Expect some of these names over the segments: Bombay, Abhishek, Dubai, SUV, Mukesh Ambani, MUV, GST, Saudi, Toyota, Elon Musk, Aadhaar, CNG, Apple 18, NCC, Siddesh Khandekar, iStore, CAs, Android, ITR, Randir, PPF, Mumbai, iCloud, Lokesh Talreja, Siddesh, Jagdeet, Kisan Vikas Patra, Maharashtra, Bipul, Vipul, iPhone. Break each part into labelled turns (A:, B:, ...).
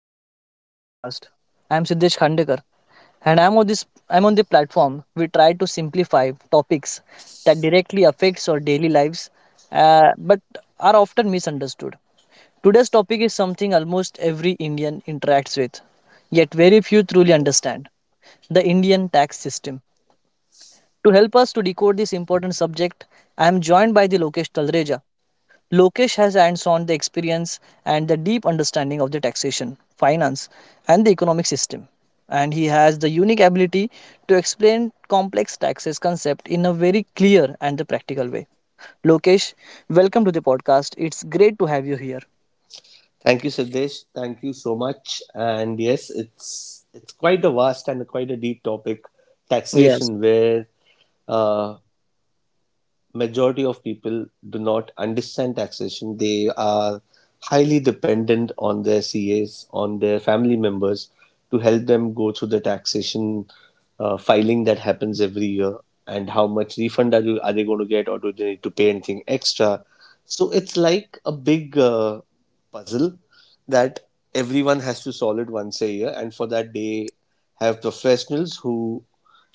A: and welcome to the podcast. I am Siddesh Khandekar and I'm on the platform we try to simplify topics that directly affects our daily lives, but are often misunderstood. Today's topic is something almost every Indian interacts with yet very few truly understand the Indian tax system. To help us to decode this important subject, I am joined by the Lokesh Talreja. Lokesh has hands-on the experience and the deep understanding of the taxation, finance, and the economic system, and he has the unique ability to explain complex taxes concept in a very clear and the practical way. Lokesh, welcome to the podcast. It's great to have you here.
B: Thank you, Siddesh. Thank you so much. And yes, it's quite a vast and quite a deep topic,
A: Yes.
B: taxation, where uh, majority of people do not understand taxation. They are highly dependent on their CAs, on their family members to help them go through the taxation filing that happens every year and how much refund are, are they going to get or do they need to pay anything extra. So it's like a big puzzle that everyone has to solve it once a year and for that they have professionals who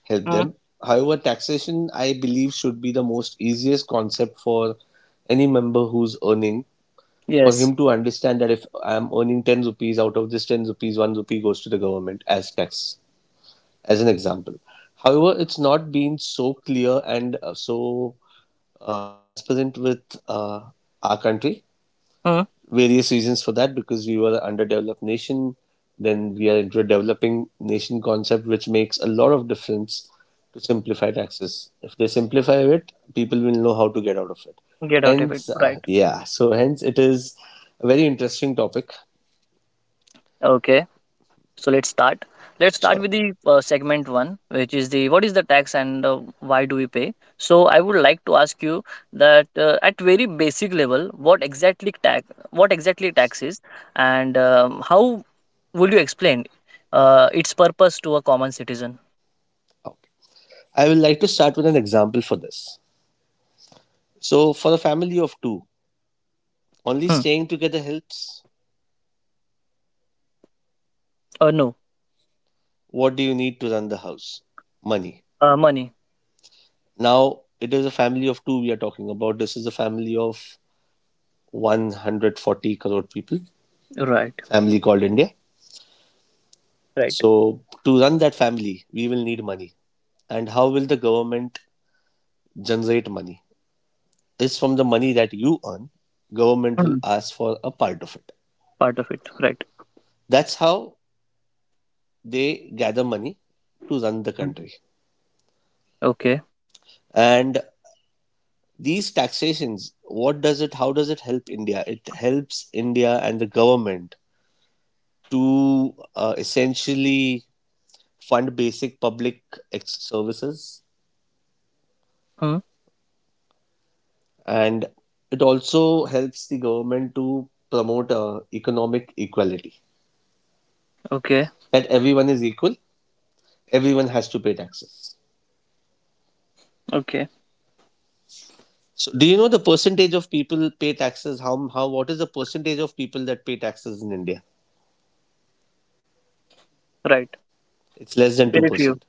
B: help
A: Mm.
B: them. However, taxation, I believe, should be the most easiest concept for any member who's earning, for
A: Yes.
B: him to understand that if I'm earning 10 rupees, out of this 10 rupees, 1 rupee goes to the government as tax, as an example. However, it's not been so clear and so transparent with our country
A: Mm.
B: various reasons for that because we were an underdeveloped nation. Then we are into a developing nation concept, which makes a lot of difference to simplify taxes. If they simplify it, people will know how to get out of it.
A: Get out of it.
B: Hence,
A: Right.
B: yeah, so hence it is a very interesting topic.
A: Okay. So let's start. Let's start
B: Sure.
A: with the segment one, which is the what is the tax, and why do we pay? So I would like to ask you that at very basic level, what exactly tax is, and how will you explain its purpose to a common citizen?
B: Okay. I will like to start with an example for this. So, for a family of two, only
A: Hmm.
B: staying together helps.
A: Or no,
B: What do you need to run the house? Money.
A: money.
B: Now, it is a family of two we are talking about. This is a family of 140 crore people,
A: Right.
B: family called India.
A: Right.
B: So, to run that family, we will need money. And how will the government generate money? Is from the money that you earn, government will
A: Hmm.
B: ask for a part of it.
A: Part of it. Right.
B: That's how they gather money to run the
A: Hmm.
B: country.
A: Okay.
B: And these taxations, what does it, how does it help India? It helps India and the government to essentially fund basic public services
A: Hmm.
B: and it also helps the government to promote economic equality,
A: Okay.
B: that everyone is equal, everyone has to pay taxes.
A: Okay.
B: So do you know the percentage of people pay taxes? How what is the percentage of people that pay taxes in India?
A: Right.
B: It's less than
A: Very few.
B: 2%.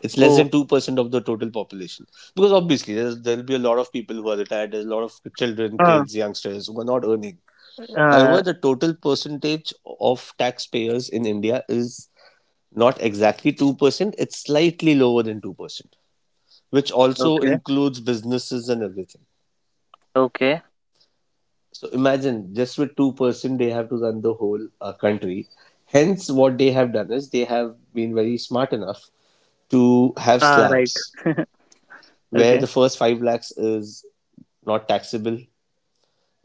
B: It's less
A: Oh.
B: than 2% of the total population, because obviously there'll be a lot of people who are retired, there's a lot of children,
A: Uh,
B: kids, youngsters who are not earning.
A: uh,
B: However, the total percentage of taxpayers in India is not exactly 2%, it's slightly lower than 2%, which also
A: okay.
B: includes businesses and everything.
A: Okay.
B: So imagine just with 2%, they have to run the whole country. Hence, what they have done is they have been very smart enough to have
A: Ah, right.
B: slabs where
A: Okay.
B: the first 5 lakhs is not taxable.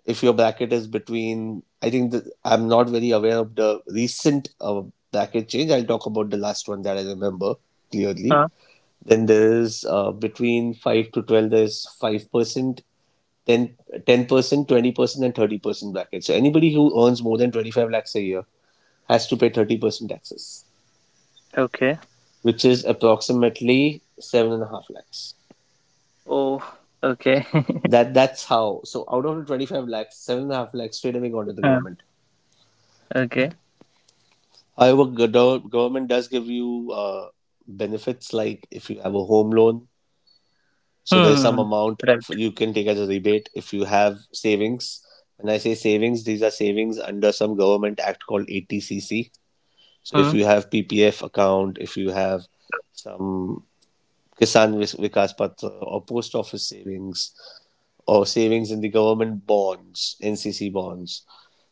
B: If your bracket is between, I think the, I'm not very aware of the recent bracket change. I'll talk about the last one that I remember clearly.
A: Ah,
B: Then there is between 5 to 12, there's 5%, then 10%, 20%, and 30% bracket. So anybody who earns more than 25 lakhs a year has to pay 30% taxes,
A: okay.
B: which is approximately 7.5 lakhs.
A: Oh, okay.
B: That's how. So out of the 25 lakhs, 7.5 lakhs straight away gone to the
A: Ah,
B: government.
A: okay.
B: However, government does give you benefits like if you have a home loan, so there's
A: Hmm.
B: some
A: Hmm,
B: amount
A: right.
B: you can take as a rebate if you have savings. When I say savings, these are savings under some government act called ATCC. So if
A: Hmm,
B: you have PPF account, if you have some Vikas Patra or post office savings or savings in the government bonds, NCC bonds.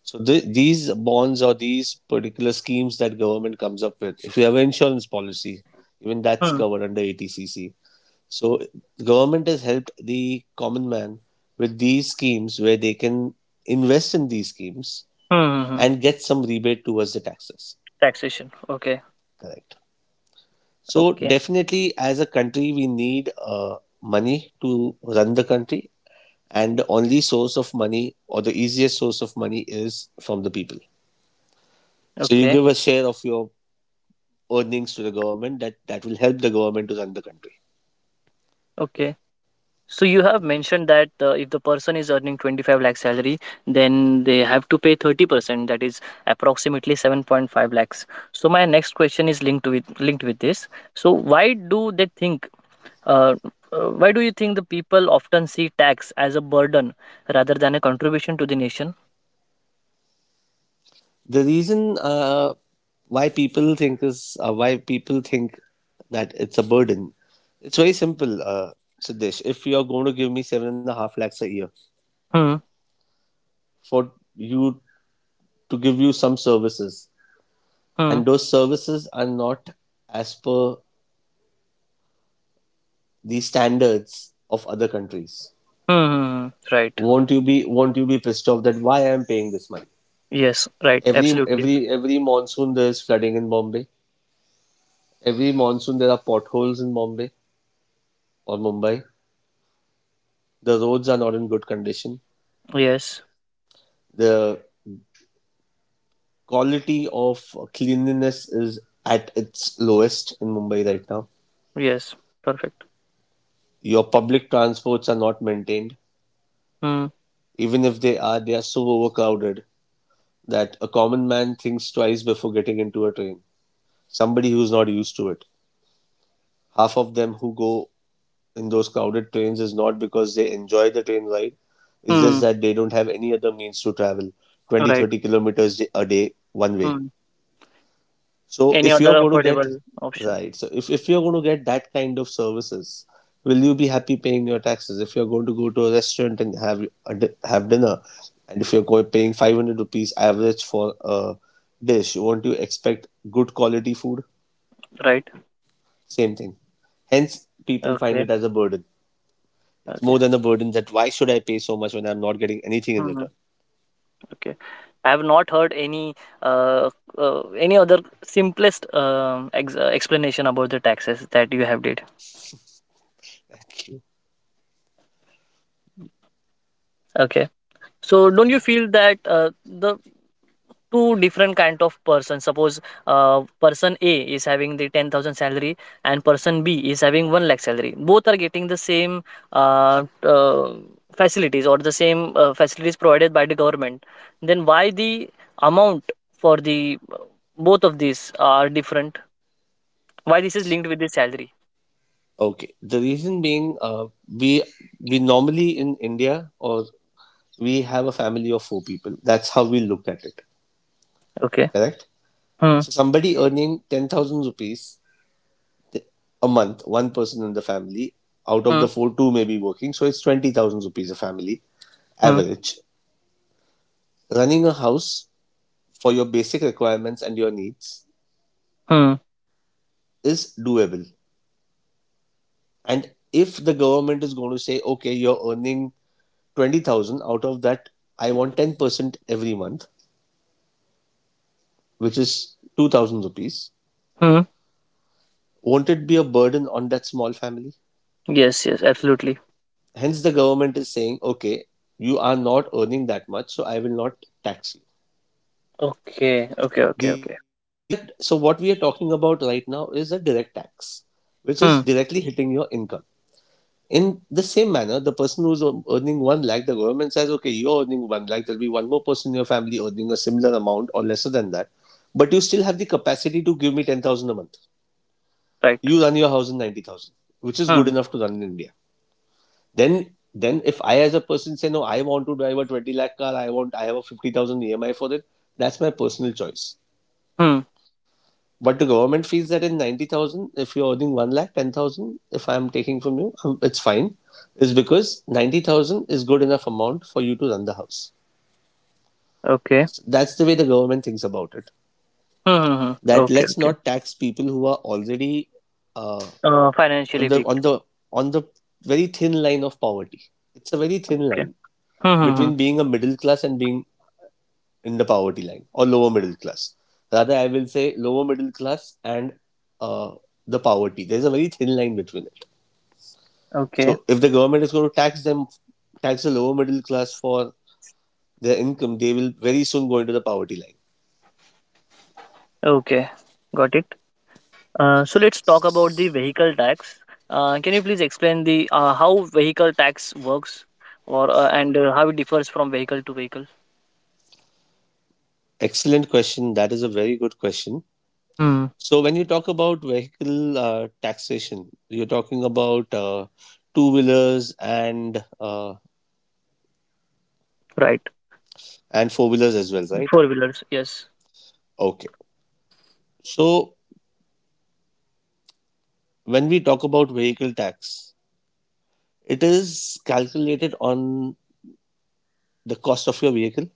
B: So these bonds or these particular schemes that government comes up with. If you have an insurance policy, even that's
A: hmm,
B: covered under ATCC, so the government has helped the common man with these schemes where they can invest in these schemes
A: hmm, hmm, hmm.
B: and get some rebate towards the taxes.
A: Taxation. Okay.
B: Correct. So
A: Okay.
B: definitely, as a country, we need money to run the country, and the only source of money or the easiest source of money is from the people. So you
A: Okay.
B: give a share of your earnings to the government, that will help the government to run the country.
A: Okay. So you have mentioned that if the person is earning 25 lakh salary, then they have to pay 30%. That is approximately 7.5 lakhs. So my next question is linked with this. So why do they think Uh, why do you think the people often see tax as a burden rather than a contribution to the nation?
B: The reason why people think that it's a burden. It's very simple, Siddesh. If you're going to give me seven and a half lakhs a year
A: Hmm.
B: for you to give you some services,
A: Hmm.
B: and those services are not as per the standards of other countries,
A: Hmm. Hmm, hmm. Right.
B: won't you be pissed off that why I am paying this money?
A: Yes. Right.
B: Every
A: Absolutely.
B: every every monsoon there is flooding in Bombay. Every monsoon there are potholes in Bombay or Mumbai. The roads are not in good condition.
A: Yes.
B: The quality of cleanliness is at its lowest in Mumbai right now.
A: Yes. Perfect.
B: Your public transports are not maintained.
A: Hmm.
B: Even if they are, they are so overcrowded that a common man thinks twice before getting into a train. Somebody who's not used to it. Half of them who go in those crowded trains is not because they enjoy the train ride, it's just
A: Hmm.
B: that they don't have any other means to travel 20 to
A: Right.
B: 30 kilometers a day one way.
A: Hmm.
B: So
A: Any
B: if
A: other
B: you're going to get
A: affordable option?
B: Right, if you're going to get that kind of services, will you be happy paying your taxes? If you're going to go to a restaurant and have dinner, and if you're going paying 500 rupees average for a dish, won't you expect good quality food?
A: Right.
B: Same thing. Hence, people find
A: Okay.
B: it as a burden. It's
A: Okay.
B: more than a burden that why should I pay so much when I'm not getting anything in
A: Hmm.
B: return?
A: Okay. I have not heard uh, any other simplest explanation about the taxes that you have did. Okay. So don't you feel that the two different kind of person, suppose person a is having the 10,000 salary and person b is having 1 lakh salary, both are getting the same uh, uh, facilities or the same facilities provided by the government, then why the amount for the, both of these are different? Why this is linked with the salary?
B: Okay, the reason being, we we normally in India or we have a family of four people. That's how we look at it,
A: Okay.
B: correct?
A: Hmm.
B: So somebody earning 10,000 rupees a month, one person in the family, out of
A: Hmm.
B: the four, two may be working. So it's 20,000 rupees a family
A: Hmm.
B: average. Running a house for your basic requirements and your needs
A: Hmm.
B: is doable. And if the government is going to say, okay, you're earning 20,000, out of that, I want 10% every month, which is 2,000 rupees,
A: Hmm.
B: won't it be a burden on that small family?
A: Yes, yes, absolutely.
B: Hence, the government is saying, okay, you are not earning that much, so I will not tax you.
A: Okay, okay, okay, okay.
B: These are, so what we are talking about right now is a direct tax, which is
A: Hmm.
B: directly hitting your income. In the same manner, the person who's earning one lakh, the government says, okay, you're earning one lakh, there'll be one more person in your family earning a similar amount or lesser than that, but you still have the capacity to give me 10,000 a month.
A: Right.
B: You run your house in 90,000, which is good
A: Hmm.
B: enough to run in India. Then if I as a person say no, I want to drive a 20 lakh car, I want, I have a 50,000 EMI for it. That's my personal choice. But the government feels that in 90,000, if you're earning 1 lakh, 10,000, if I'm taking from you, it's fine. Is because 90,000 is good enough amount for you to run the house. So that's the way the government thinks about it.
A: Hmm. Okay. Hmm. Hmm. Hmm
B: That
A: Okay.
B: let's
A: okay
B: not tax people who are already uh,
A: O
B: on
A: financially
B: the
A: weak,
B: on the very thin line of poverty. It's a very thin
A: okay.
B: line
A: Hmm. Hmm. Hmm.
B: between being a middle class and being in the poverty line or lower middle class. Rather, I will say lower middle class and uh, the poverty. There's a very thin line between it.
A: Okay,
B: So, if the government is going to tax them, tax the lower middle class for their income, they will very soon go into the poverty line.
A: okay. Got it. So let's talk about the vehicle tax. Can you please explain the how vehicle tax works, or and how it differs from vehicle to vehicle?
B: Excellent question. That is a very good question.
A: Hmm.
B: So, when you talk about vehicle taxation, you're talking about two wheelers and uh,
A: Right.
B: and four wheelers as well, right?
A: Four wheelers, yes.
B: Okay. So, when we talk about vehicle tax, it is calculated on the cost of your vehicle,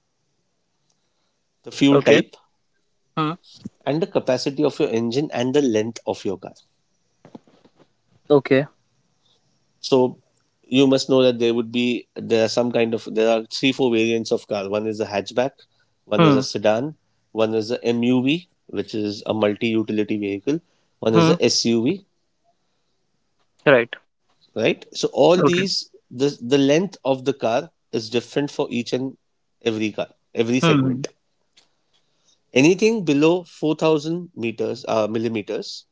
B: the fuel
A: Okay.
B: type,
A: Hmm.
B: and the capacity of your engine and the length of your car.
A: Okay.
B: So you must know that there would be there are some kind of there are 3 4 variants of car. One is a hatchback, one is
A: Hmm.
B: a sedan, one is a MUV, which is a multi-utility vehicle, one is
A: Hmm.
B: a SUV,
A: Right.
B: right? So all
A: Okay.
B: these, the length of the car is different for each and every car, every
A: Hmm. Hmm.
B: segment. Anything below 4,000 meters, millimeters,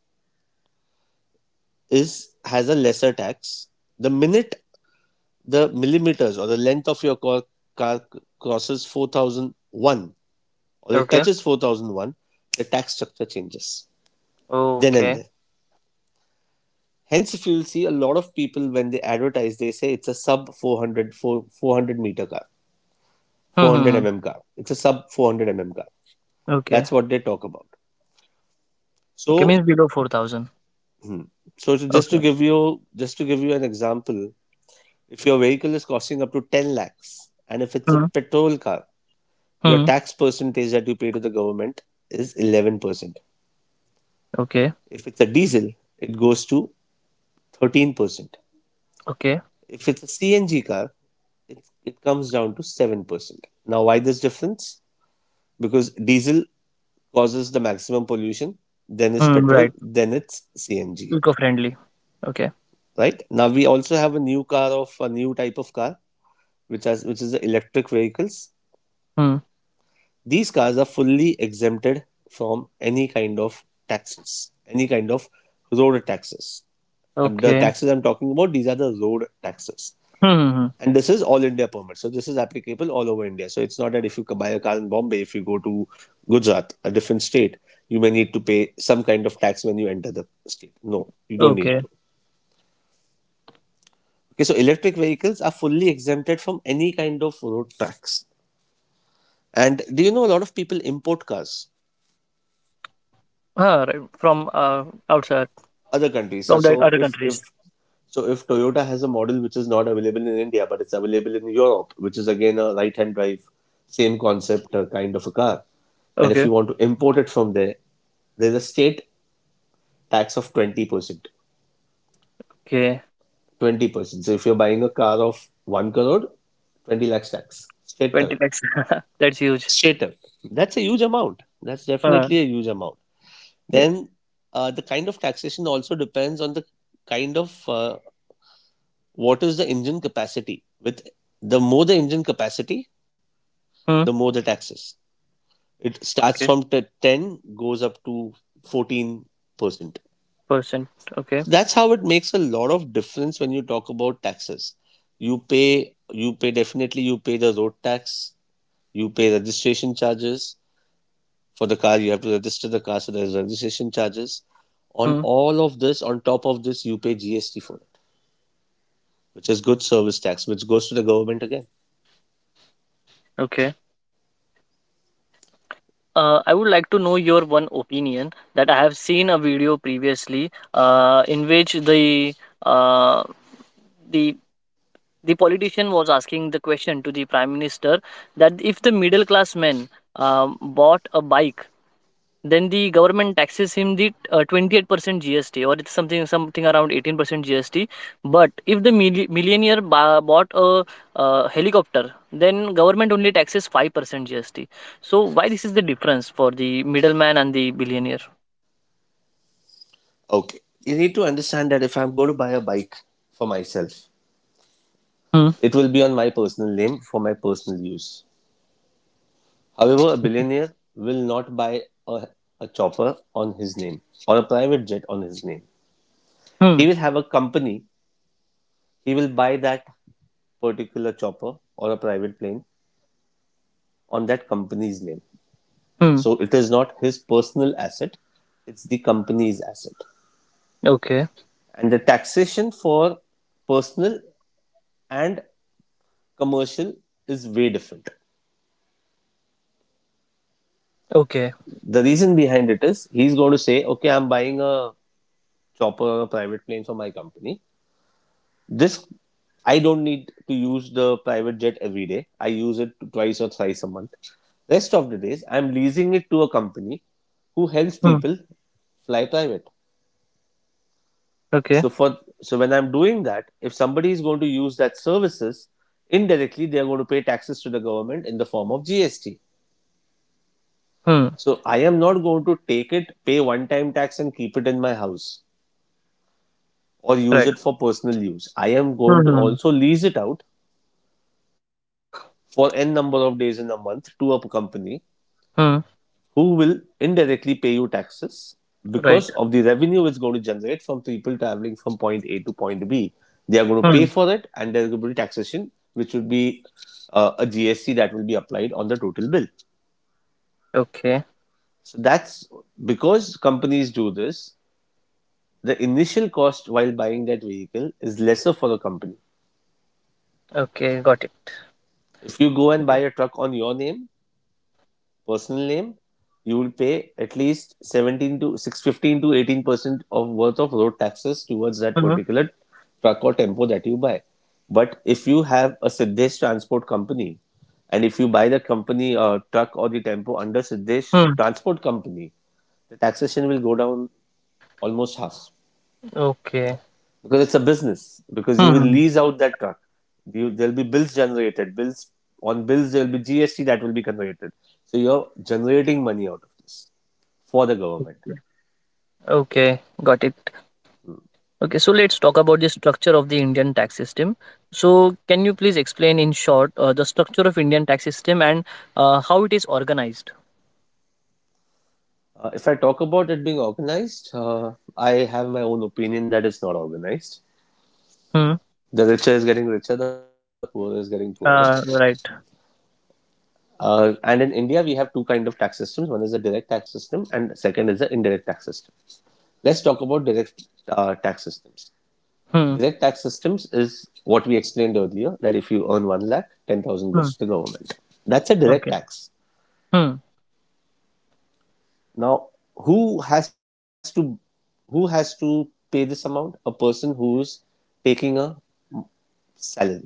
B: is has a lesser tax. The minute the millimeters or the length of your car crosses 4,001 or it
A: Okay.
B: touches 4,001, the tax structure changes then and
A: Okay.
B: there. Hence, if you will see a lot of people when they advertise, they say it's a sub 400 400-meter car,
A: Hmm. Hmm.
B: 400
A: hmm.
B: mm car. It's a sub 400 mm car.
A: Okay.
B: That's what they talk about.
A: Okay,
B: So,
A: means below 4,000.
B: just to
A: Okay.
B: give you an example, if your vehicle is costing up to 10 lakhs and if it's a
A: Hmm.
B: petrol car, your
A: Hmm.
B: tax percentage that you pay to the government is 11%.
A: Okay.
B: If it's a diesel, it goes to 13%.
A: Okay.
B: If it's a CNG car, it comes down to 7%. Now, why this difference? Because diesel causes the maximum pollution, then it's
A: Hmm.
B: petrol,
A: Right.
B: then it's CNG,
A: Eco-friendly. Okay.
B: right? Now, we also have a new car of a new type of car, which is the electric vehicles.
A: Hmm.
B: These cars are fully exempted from any kind of taxes, any kind of road taxes. And the
A: Okay.
B: taxes I'm talking about, these are the road taxes.
A: Hmm. Hmm, hmm.
B: And this is all India permit. So this is applicable all over India. So it's not that if you buy a car in Bombay, if you go to Gujarat, a different state, you may need to pay some kind of tax when you enter the state. No, you don't need
A: Okay.
B: to. Okay, so electric vehicles are fully exempted from any kind of road tax. And do you know a lot of people import cars?
A: Ah, right. From outside,
B: Other countries. So,
A: from the
B: so
A: other
B: if
A: countries.
B: if so if Toyota has a model which is not available in India but it's available in Europe, which is again a right-hand drive, same concept, kind of a car, and if
A: Okay.
B: you want to import it from there, there's a state tax of 20%.
A: Okay.
B: 20%. So if you're buying a car of one crore, 20 lakhs tax straight away.
A: 20 lakhs. That's huge.
B: Straight away. That's a huge amount. That's
A: Uh,
B: definitely a huge amount.
A: yeah.
B: Then the kind of taxation also depends on the kind of what is the engine capacity? With the more the engine capacity,
A: Hmm.
B: the more the taxes. It starts
A: Okay.
B: from 10, goes up to 14%. So
A: Percent. Okay.
B: that's how it makes a lot of difference when you talk about taxes. You pay definitely, you pay the road tax, you pay registration charges for the car, you have to register the car, so there's registration charges. On
A: Hmm.
B: all of this, on top of this, you pay GST for it, which is goods service tax, which goes to the government again.
A: Okay. I would like to know your one opinion that I have seen a video previously, in which the, uh, the the politician was asking the question to the prime minister, that if the middle class men bought a bike, then the government taxes him the 28% GST, or it's something around 18% GST. But if the millionaire bought a helicopter, then government only taxes 5% GST. So why this is the difference for the middleman and the billionaire?
B: Okay, you need to understand that if I'm going to buy a bike for myself,
A: Hmm.
B: it will be on my personal name for my personal use. However, a billionaire will not buy a chopper on his name or a private jet on his name.
A: Hmm.
B: He will have a company, he will buy that particular chopper or a private plane on that company's name.
A: Hmm.
B: So it is not his personal asset, it's the company's asset.
A: Okay.
B: And the taxation for personal and commercial is way different.
A: Okay.
B: The reason behind it is he's going to say, okay, I'm buying a chopper or a private plane for my company. This, I don't need to use the private jet every day. I use it twice or thrice a month. Rest of the days, I'm leasing it to a company who helps
A: Hmm.
B: people fly private.
A: Okay.
B: So when I'm doing that, if somebody is going to use that services, indirectly they are going to pay taxes to the government in the form of GST.
A: Hmm.
B: So I am not going to take it, pay one time tax and keep it in my house, or use
A: Right.
B: it for personal use. I am going to
A: Hmm.
B: also lease it out for n number of days in a month to a company
A: Hmm.
B: who will indirectly pay you taxes because
A: Right.
B: of the revenue it's going to generate from people traveling from point A to point B. They are going to pay
A: Hmm.
B: for it and there will be taxation, which would be a GST that will be applied on the total bill.
A: Okay.
B: So that's because companies do this, the initial cost while buying that vehicle is lesser for the company.
A: Okay. Got it.
B: If you go and
A: Okay.
B: buy a truck on your name, personal name, you will pay at least 17 to 6 15 to 18% of worth of road taxes towards that
A: Hmm.
B: particular truck or tempo that you buy. But if you have a Siddesh transport company, and if you buy the company truck or the tempo under Siddesh
A: Hmm.
B: transport company, the taxation will go down almost half
A: Okay.
B: because it's a business. Because you will
A: Hmm.
B: lease out that truck, there'll be bills generated. Bills on bills, there will be GST that will be generated. So you're generating money out of this for the government.
A: Okay. Got it. Okay, so let's talk about the structure of the Indian tax system. So can you please explain in short the structure of Indian tax system, and how it is organized?
B: If I talk about it being organized, I have my own opinion that it's not organized.
A: Hmm.
B: The richer is getting richer, the poorer is getting poorer.
A: Right.
B: And in India, we have two kind of tax systems. One is the direct tax system, and second is the indirect tax system. Let's talk about direct tax systems.
A: Hmm.
B: Direct tax systems is what we explained earlier that if you earn one lakh, 10,000
A: Hmm.
B: goes to the government. That's a direct
A: Okay.
B: tax.
A: Hmm.
B: Now, who has to who has to pay this amount? A person who is taking a salary,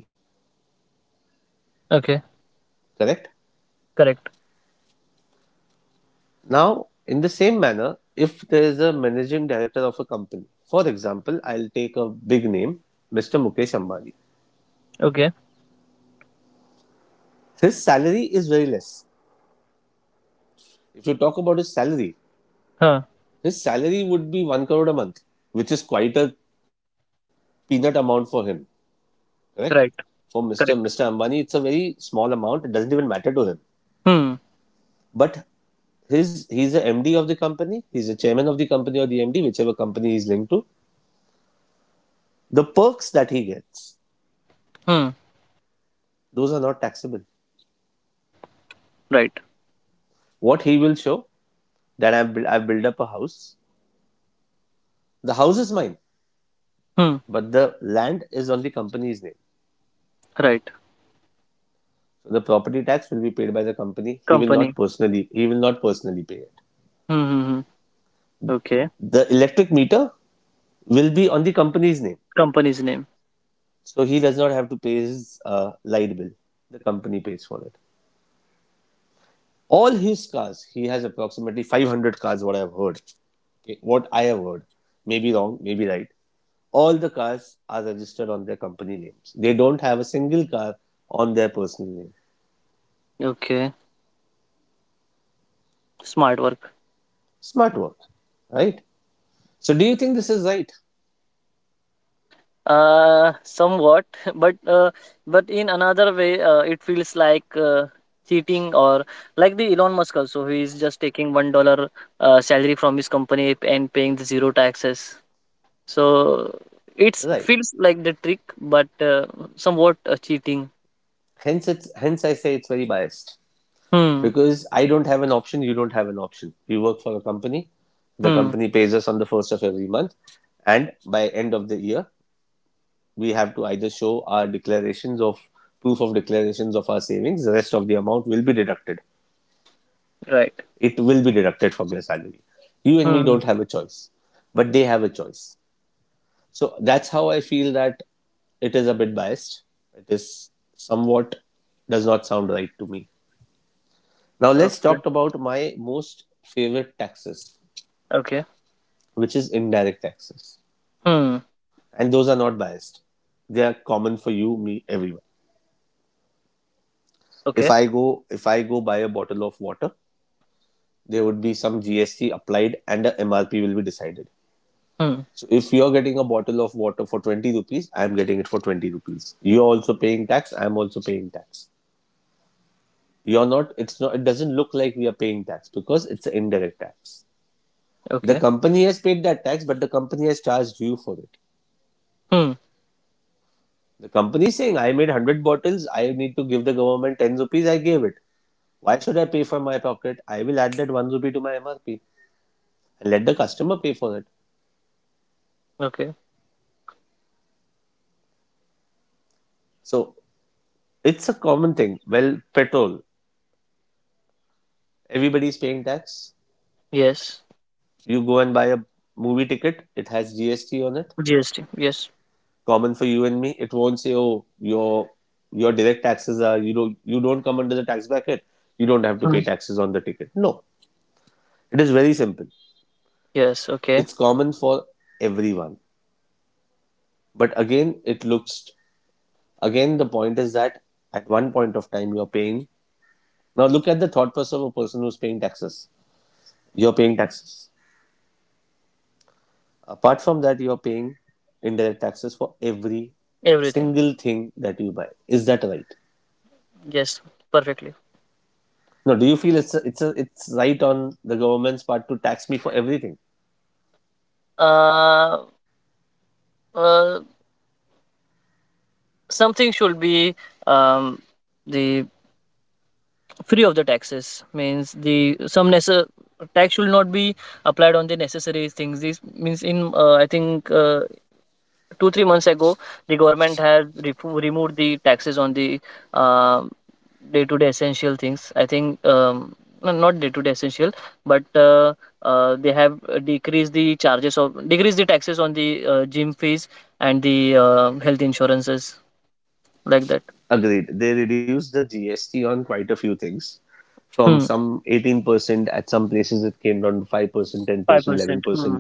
A: Okay.
B: correct?
A: Correct.
B: Now, in the same manner, if there is a managing director of a company, for example, I'll take a big name, Mr. Mukesh Ambani.
A: Okay.
B: His salary is very less. If you talk about
A: Huh.
B: his salary would be one crore a month, which is quite a peanut amount for him, correct?
A: Right.
B: For Mr.
A: Correct.
B: Ambani, it's a very small amount. It doesn't even matter to him.
A: Hmm.
B: But his he's the MD of the company, he's the chairman of the company or the MD, whichever company he's linked to. The perks that he gets,
A: Hmm.
B: those are not taxable.
A: Right.
B: What he will show that I've built up a house. The house is mine,
A: Hmm.
B: but the land is on the company's name.
A: Right.
B: So the property tax will be paid by the company.
A: Company.
B: He will not personally pay it.
A: Hmm, hmm, hmm. Okay.
B: The electric meter will be on the company's name,
A: Company's name.
B: so he does not have to pay his light bill. The company pays for it. All his cars, he has approximately 500 cars, what I've heard. Okay, what I have heard, maybe wrong, maybe right. All the cars are registered on their company names. They don't have a single car on their personal name.
A: Okay. Smart work.
B: Smart work, right? So do you think this is right?
A: Somewhat, but uh, but in another way, it feels like cheating, or like the Elon Musk also, he is just taking $1 salary from his company and paying the zero taxes. So it
B: Right,
A: feels like the trick, but somewhat cheating.
B: hence I say it's very biased,
A: Hmm.
B: because I don't have an option, you don't have an option. We work for a company, the
A: Hmm.
B: company pays us on the first of every month, and by end of the year, we have to either show our declarations of proof of declarations of our savings. The rest of the amount will be deducted.
A: Right.
B: It will be deducted from your salary. You and me don't
A: Hmm.
B: have a choice, but they have a choice. So that's how I feel that it is a bit biased. It is somewhat does not sound right to me. Now let's
A: Okay.
B: talk about my most favorite taxes,
A: Okay.
B: which is indirect taxes,
A: Hmm.
B: and those are not biased. They are common for you, me, everyone. if
A: Okay.
B: i go if I go buy a bottle of water, there would be some GST applied and the MRP will be decided.
A: Hmm.
B: So if you're getting a bottle of water for 20 rupees, I'm getting it for 20 rupees. You're also paying tax, I'm also paying tax. You're not, it's not, it doesn't look like we are paying tax because it's an indirect tax. The
A: Okay.
B: company has paid that tax, but the company has charged you for it.
A: Hmm.
B: The company is saying, I made 100 bottles, I need to give the government 10 rupees, I gave it. Why should I pay from my pocket? I will add that 1 rupee to my MRP and let the customer pay for it.
A: Okay.
B: So it's a common thing. Well, petrol. Everybody's paying tax.
A: Yes.
B: You go and buy a movie ticket, it has GST on it.
A: GST. Yes.
B: Common for you and me. It won't say, oh, your direct taxes are, you don't come under the tax bracket. You don't have to
A: Hmm.
B: pay taxes on the ticket. No. It is very simple.
A: Yes. Okay.
B: It's common for everyone. But again, it looks, again the point is that at one point of time you're paying, now look at the thought process of a person who's paying taxes. You're paying taxes. Apart from that, you are paying indirect taxes for every
A: Everything.
B: single thing that you buy. Is that right?
A: Yes, perfectly.
B: No. Do you feel it's it's right on the government's part to tax me for everything?
A: Uh, uh, something should be um, the free of the taxes, means the some tax should not be applied on the necessary things. This means in, I think 2-3 months ago the government had removed the taxes on the um day to day essential things. I think, no, not day to day essential, but they have decreased the taxes on the gym fees and the health insurances like that.
B: Agreed. They reduced the GST on quite a few things. From
A: Hmm.
B: some 18%, at some places it came down to 5%, 10%,
A: 5%. Hmm.
B: 11%,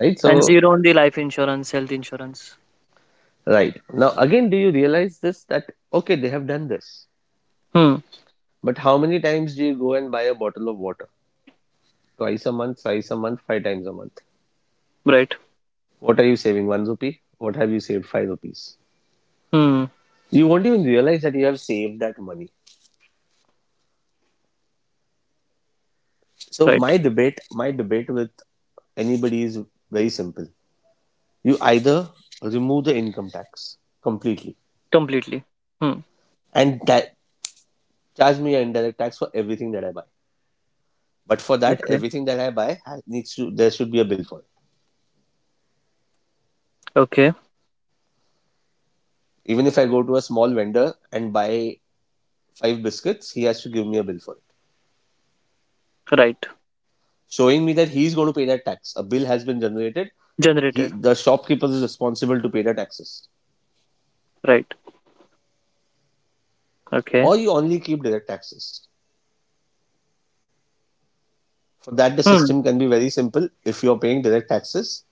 B: right?
A: And
B: So,
A: zero on the life insurance health insurance.
B: right. Now, again, do you realize this that, okay, they have done this,
A: Hmm.
B: but how many times do you go and buy a bottle of water? Twice a month, thrice a month, five times a month.
A: Right.
B: What are you saving? 1 rupee? What have you saved? 5 rupees.
A: Hmm.
B: You won't even realize that you have saved that money. So
A: Right.
B: my debate with anybody is very simple. You either remove the income tax completely
A: Completely. Hmm.
B: and charge me an indirect tax for everything that I buy. But for that,
A: Okay,
B: everything that I buy has, needs to there should be a bill for it.
A: okay.
B: Even if I go to a small vendor and buy five biscuits, he has to give me a bill for it,
A: Right.
B: showing me that he's going to pay that tax. A bill has been generated. He,
A: Generated.
B: the shopkeeper is responsible to pay the taxes.
A: Right. Okay.
B: Or you only keep direct taxes. For that, the
A: Hmm.
B: system can be very simple. If you're paying direct taxes,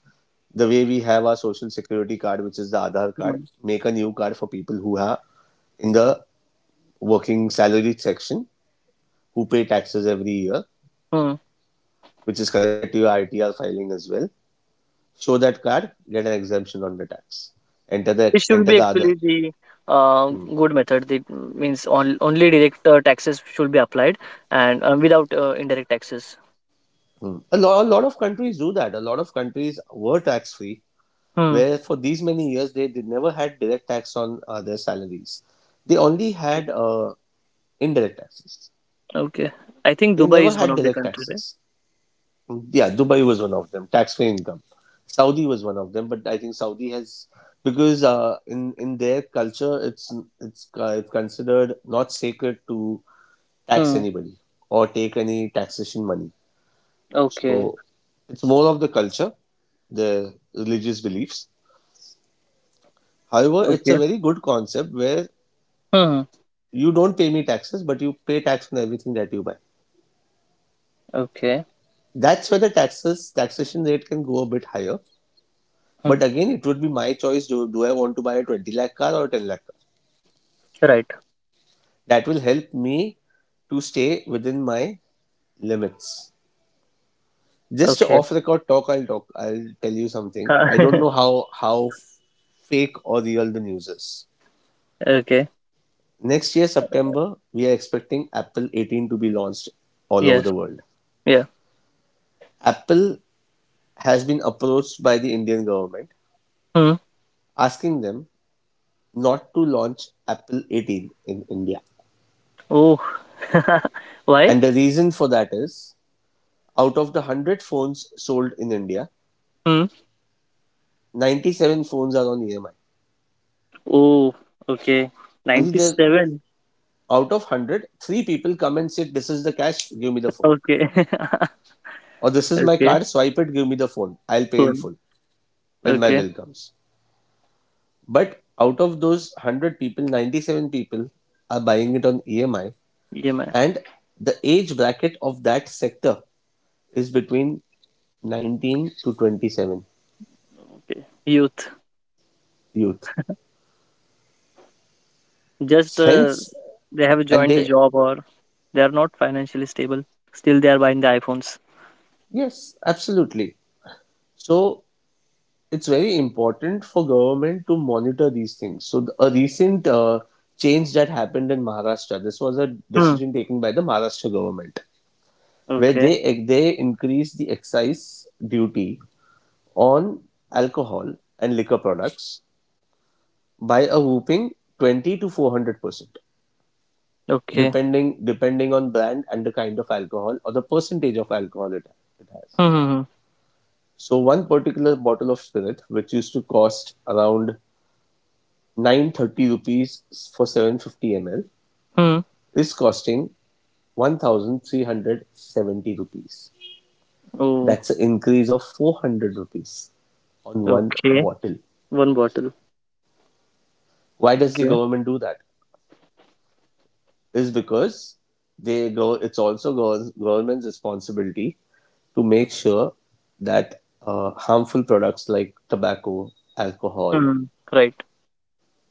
B: the way we have our social security card, which is the Aadhaar card,
A: Hmm.
B: make a new card for people who are in the working salary section who pay taxes every year,
A: Mm.
B: which is connected to your ITR filing as well. Show that card, get an exemption on the tax. Enter the
A: This should
B: enter
A: be
B: the other.
A: actually the uh, good method. The means on, only direct taxes should be applied, and without indirect taxes.
B: Mm. A lot of countries do that. A lot of countries were tax free,
A: Hmm.
B: where for these many years they never had direct tax on their salaries. They only
A: Okay.
B: had indirect taxes.
A: Okay. I think
B: They
A: Dubai
B: never
A: is one
B: had
A: of the
B: direct
A: countries. Eh?
B: taxes. Mm, yeah, Dubai was one of them. Tax free income. Saudi was one of them, but I think Saudi has because in their culture it's considered not sacred to tax
A: Hmm.
B: anybody or take any taxation money.
A: Okay.
B: So it's more of the culture, the religious beliefs. However, it's
A: Okay.
B: a very good concept where
A: Hmm.
B: you don't pay me taxes, but you pay tax on everything that you buy.
A: Okay.
B: That's where the taxes taxation rate can go a bit higher.
A: Hmm.
B: But again, it would be my choice. Do I want to buy a 20 lakh car or a 10 lakh car?
A: Right.
B: That will help me to stay within my limits. Just
A: Okay.
B: off record talk, I'll tell you something. I don't know how fake or real the news is.
A: Okay.
B: Next year, September, we are expecting Apple 18 to be launched all over
A: Yes.
B: the world.
A: Yeah.
B: Apple has been approached by the Indian government
A: Hmm.
B: asking them not to launch Apple 18 in India.
A: Oh. Why?
B: And the reason for that is out of the 100 phones sold in India,
A: Hmm.
B: 97 phones are on EMI.
A: Oh. Okay.
B: Only the
A: 97.
B: out of 100, three people come and say, this is the cash, give me the phone.
A: Okay.
B: Or this is my
A: Okay.
B: card, swipe it, give me the phone. I'll pay in
A: Cool.
B: full when my
A: Okay.
B: bill comes. But out of those 100 people, 97 people are buying it on EMI,
A: Yeah, man.
B: and the age bracket of that sector is between 19 to 27.
A: Youth,
B: Youth.
A: just
B: Hence,
A: they have
B: and
A: joined the
B: they,
A: job, or they are not financially stable, still they are buying the iphones.
B: yes, absolutely. So it's very important for government to monitor these things. A recent change that happened in Maharashtra, this was a
A: Hmm.
B: decision taken by the Maharashtra government, where
A: Okay,
B: they increased the excise duty on alcohol and liquor products by a whopping 20 to 400%,
A: okay.
B: depending on brand and the kind of alcohol or the percentage of alcohol it has.
A: Hmm, hmm, hmm.
B: So one particular bottle of spirit, which used to cost around 930 rupees for 750 ml,
A: Hmm.
B: is costing 1,370 rupees.
A: Oh,
B: That's an increase of 400 rupees on one
A: okay.
B: bottle.
A: One bottle.
B: Why does the
A: Okay.
B: government do that? Is because they go. It's also government's responsibility to make sure that harmful products like tobacco, alcohol
A: Hmm. Right,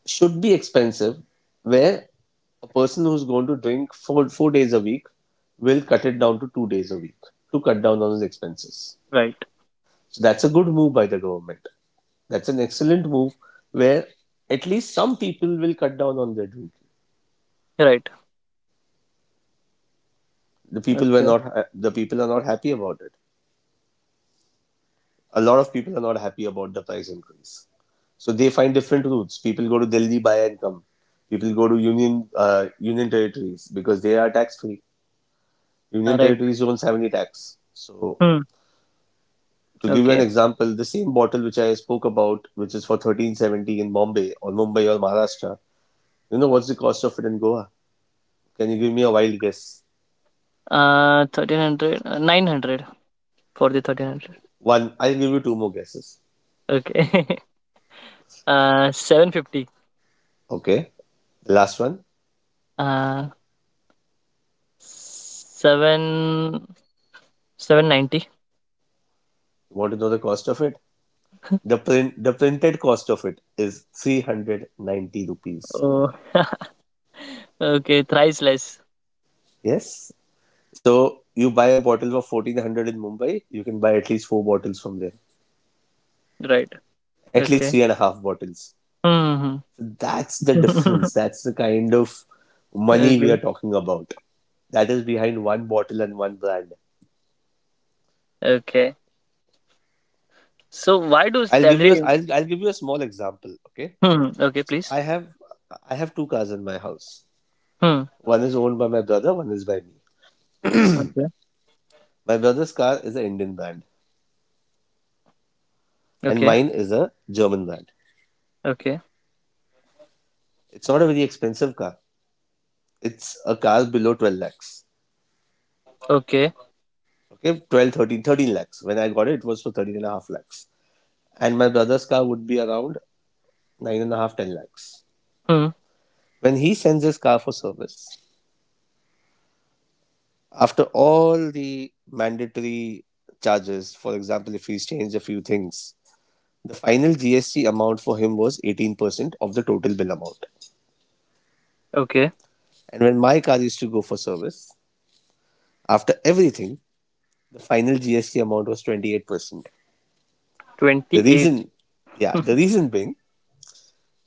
B: should be expensive, where a person who's going to drink four four days a week will cut it down to 2 days a week to cut down on his expenses.
A: right,
B: So that's a good move by the government. That's an excellent move where at least some people will cut down on their drinking.
A: right.
B: The people were
A: Okay.
B: not uh, the people are not happy about it. A lot of people are not happy about the price increase. So they find different routes. People go to Delhi buy and come. People go to union territories because they are tax free.
A: uh,
B: Union
A: right
B: territories don't have any tax. So
A: hmm.
B: to give you an
A: Okay.
B: example, the same bottle which I spoke about, which is for 1,370 in Bombay or Mumbai or Maharashtra, you know what's the cost of it in Goa? Can you give me a wild guess?
A: 1300. 900 for the 1300.
B: One, I'll give you two more guesses.
A: Okay. 750.
B: Okay, the last one.
A: uh 7 790.
B: You want to know the cost of it? The printed cost of it is 390 rupees.
A: Oh. Okay, thrice less.
B: Yes. So you buy a bottle for 1,400 in Mumbai, you can buy at least four bottles from there.
A: Right.
B: At least
A: Okay.
B: three and a half bottles.
A: Hmm.
B: So that's the difference. That's the kind of money we
A: Okay.
B: are talking about. That is behind one bottle and one brand.
A: Okay. So why do salary?
B: I'll give you a small example. Okay.
A: Hmm. Okay,
B: So
A: please.
B: I have two cars in my house.
A: Hmm.
B: One is owned by my brother, one is by me.
A: Okay.
B: My brother's car is an Indian brand, and
A: Okay.
B: mine is a German brand.
A: Okay.
B: It's not a very expensive car. It's a car below 12 lakhs.
A: Okay.
B: Okay, 12, 13, 13 lakhs. When I got it, it was for 13 and a half lakhs. And my brother's car would be around 9 and a half, 10 lakhs.
A: Hmm.
B: When he sends his car for service, after all the mandatory charges, for example, if he's changed a few things, the final GST amount for him was 18% of the total bill amount.
A: Okay.
B: And when my car used to go for service, after everything, the final GST amount was 28%. The
A: 28.
B: reason, yeah, the reason being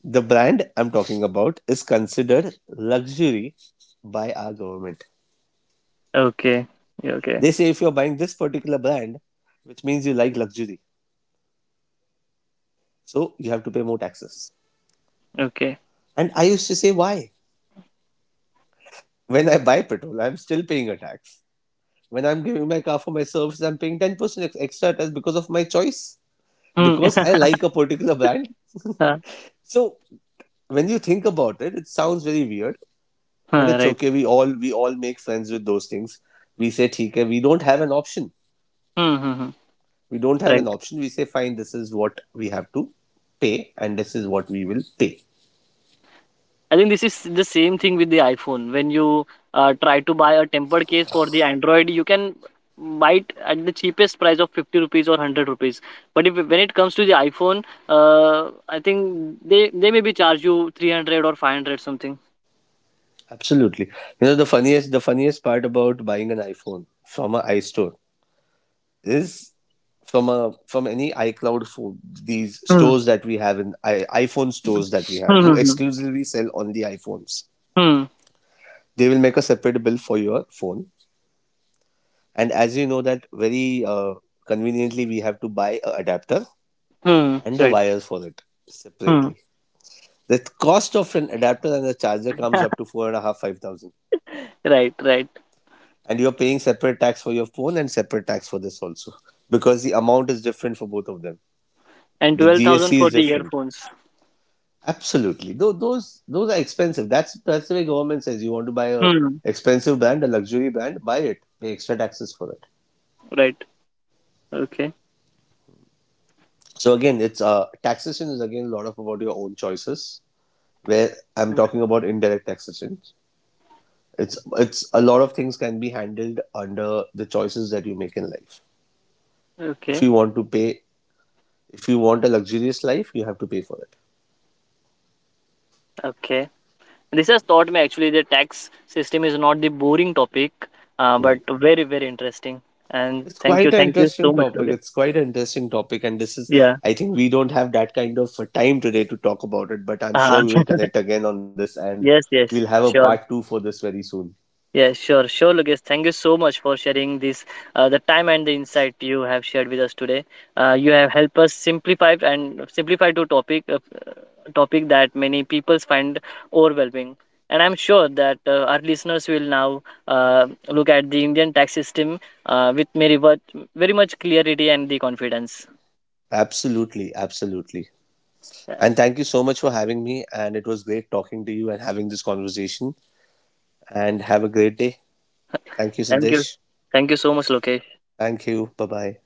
B: the brand I'm talking about is considered luxury by our government.
A: Okay. Yeah, okay.
B: They say if you're buying this particular brand, which means you like luxury, so you have to pay more taxes.
A: Okay.
B: And I used to say, why? When I buy petrol, I'm still paying a tax. When I'm giving my car for my service, I'm paying 10% extra tax because of my choice,
A: Hmm.
B: because I like a particular brand.
A: Huh,
B: So when you think about it, it sounds very weird, but
A: huh,
B: it's
A: right.
B: okay. We all make friends with those things. We say theek hai, we don't have an option.
A: Hmm. Hmm, hmm. Right.
B: We say fine, this is what we have to pay, and this is what we will pay.
A: I think this is the same thing with the iPhone. When you try to buy a tempered case for the Android, you can buy it at the cheapest price of 50 rupees or 100 rupees. But if when it comes to the iPhone, I think they maybe charge you 300 or 500 something.
B: Absolutely. You know, the funniest part about buying an iPhone from an iStore is from a from any iCloud for these
A: Hmm.
B: stores that we have iPhone stores that we have who
A: Hmm. Hmm.
B: exclusively sell only iPhones.
A: Hmm. Hmm.
B: They will make a separate bill for your phone. And as you know that very conveniently we have to buy a adapter
A: Hmm.
B: and a
A: Right.
B: wire for it
A: Hmm.
B: separately. The cost of an adapter and a charger comes up to four and a half, 5,000.
A: Right. Right.
B: And you're paying separate tax for your phone and separate tax for this also. Because the amount is different for both of them.
A: And
B: The
A: 12,000
B: GST
A: for
B: is
A: the
B: different.
A: earphones.
B: Absolutely. Though those are expensive. That's the way government says you want to buy a
A: Hmm.
B: expensive brand, a luxury brand, buy it. Pay extra taxes for it.
A: Right. Okay.
B: So again, it's taxation is again a lot of about your own choices where I'm talking about indirect taxation. It's a lot of things can be handled under the choices that you make in life. If
A: Okay.
B: you want to pay, if you want a luxurious life, you have to pay for it.
A: Okay. This has taught me actually the tax system is not the boring topic,
B: Mm.
A: but very, very interesting. And
B: It's quite an
A: thank you so
B: interesting
A: much,
B: topic.
A: Logan.
B: And this is
A: Yeah.
B: I think we don't have that kind of time today to talk about it. But I'm
A: Uh,
B: sure we will connect again on this, and
A: yes,
B: we'll
A: yes,
B: have a
A: sure.
B: part two for this very soon.
A: Yeah, sure, sure, Lucas. Thank you so much for sharing this, the time and the insight you have shared with us today. You have helped us simplify and simplify to topic that many people find overwhelming. And I'm sure that our listeners will now look at the Indian tax system with very much clarity and the confidence.
B: Absolutely, absolutely.
A: Yeah,
B: And thank you so much for having me. And it was great talking to you and having this conversation. And have a great day. Thank you,
A: Thank you.
B: Siddesh.
A: Thank you so much, Lokesh.
B: Thank you. Bye bye.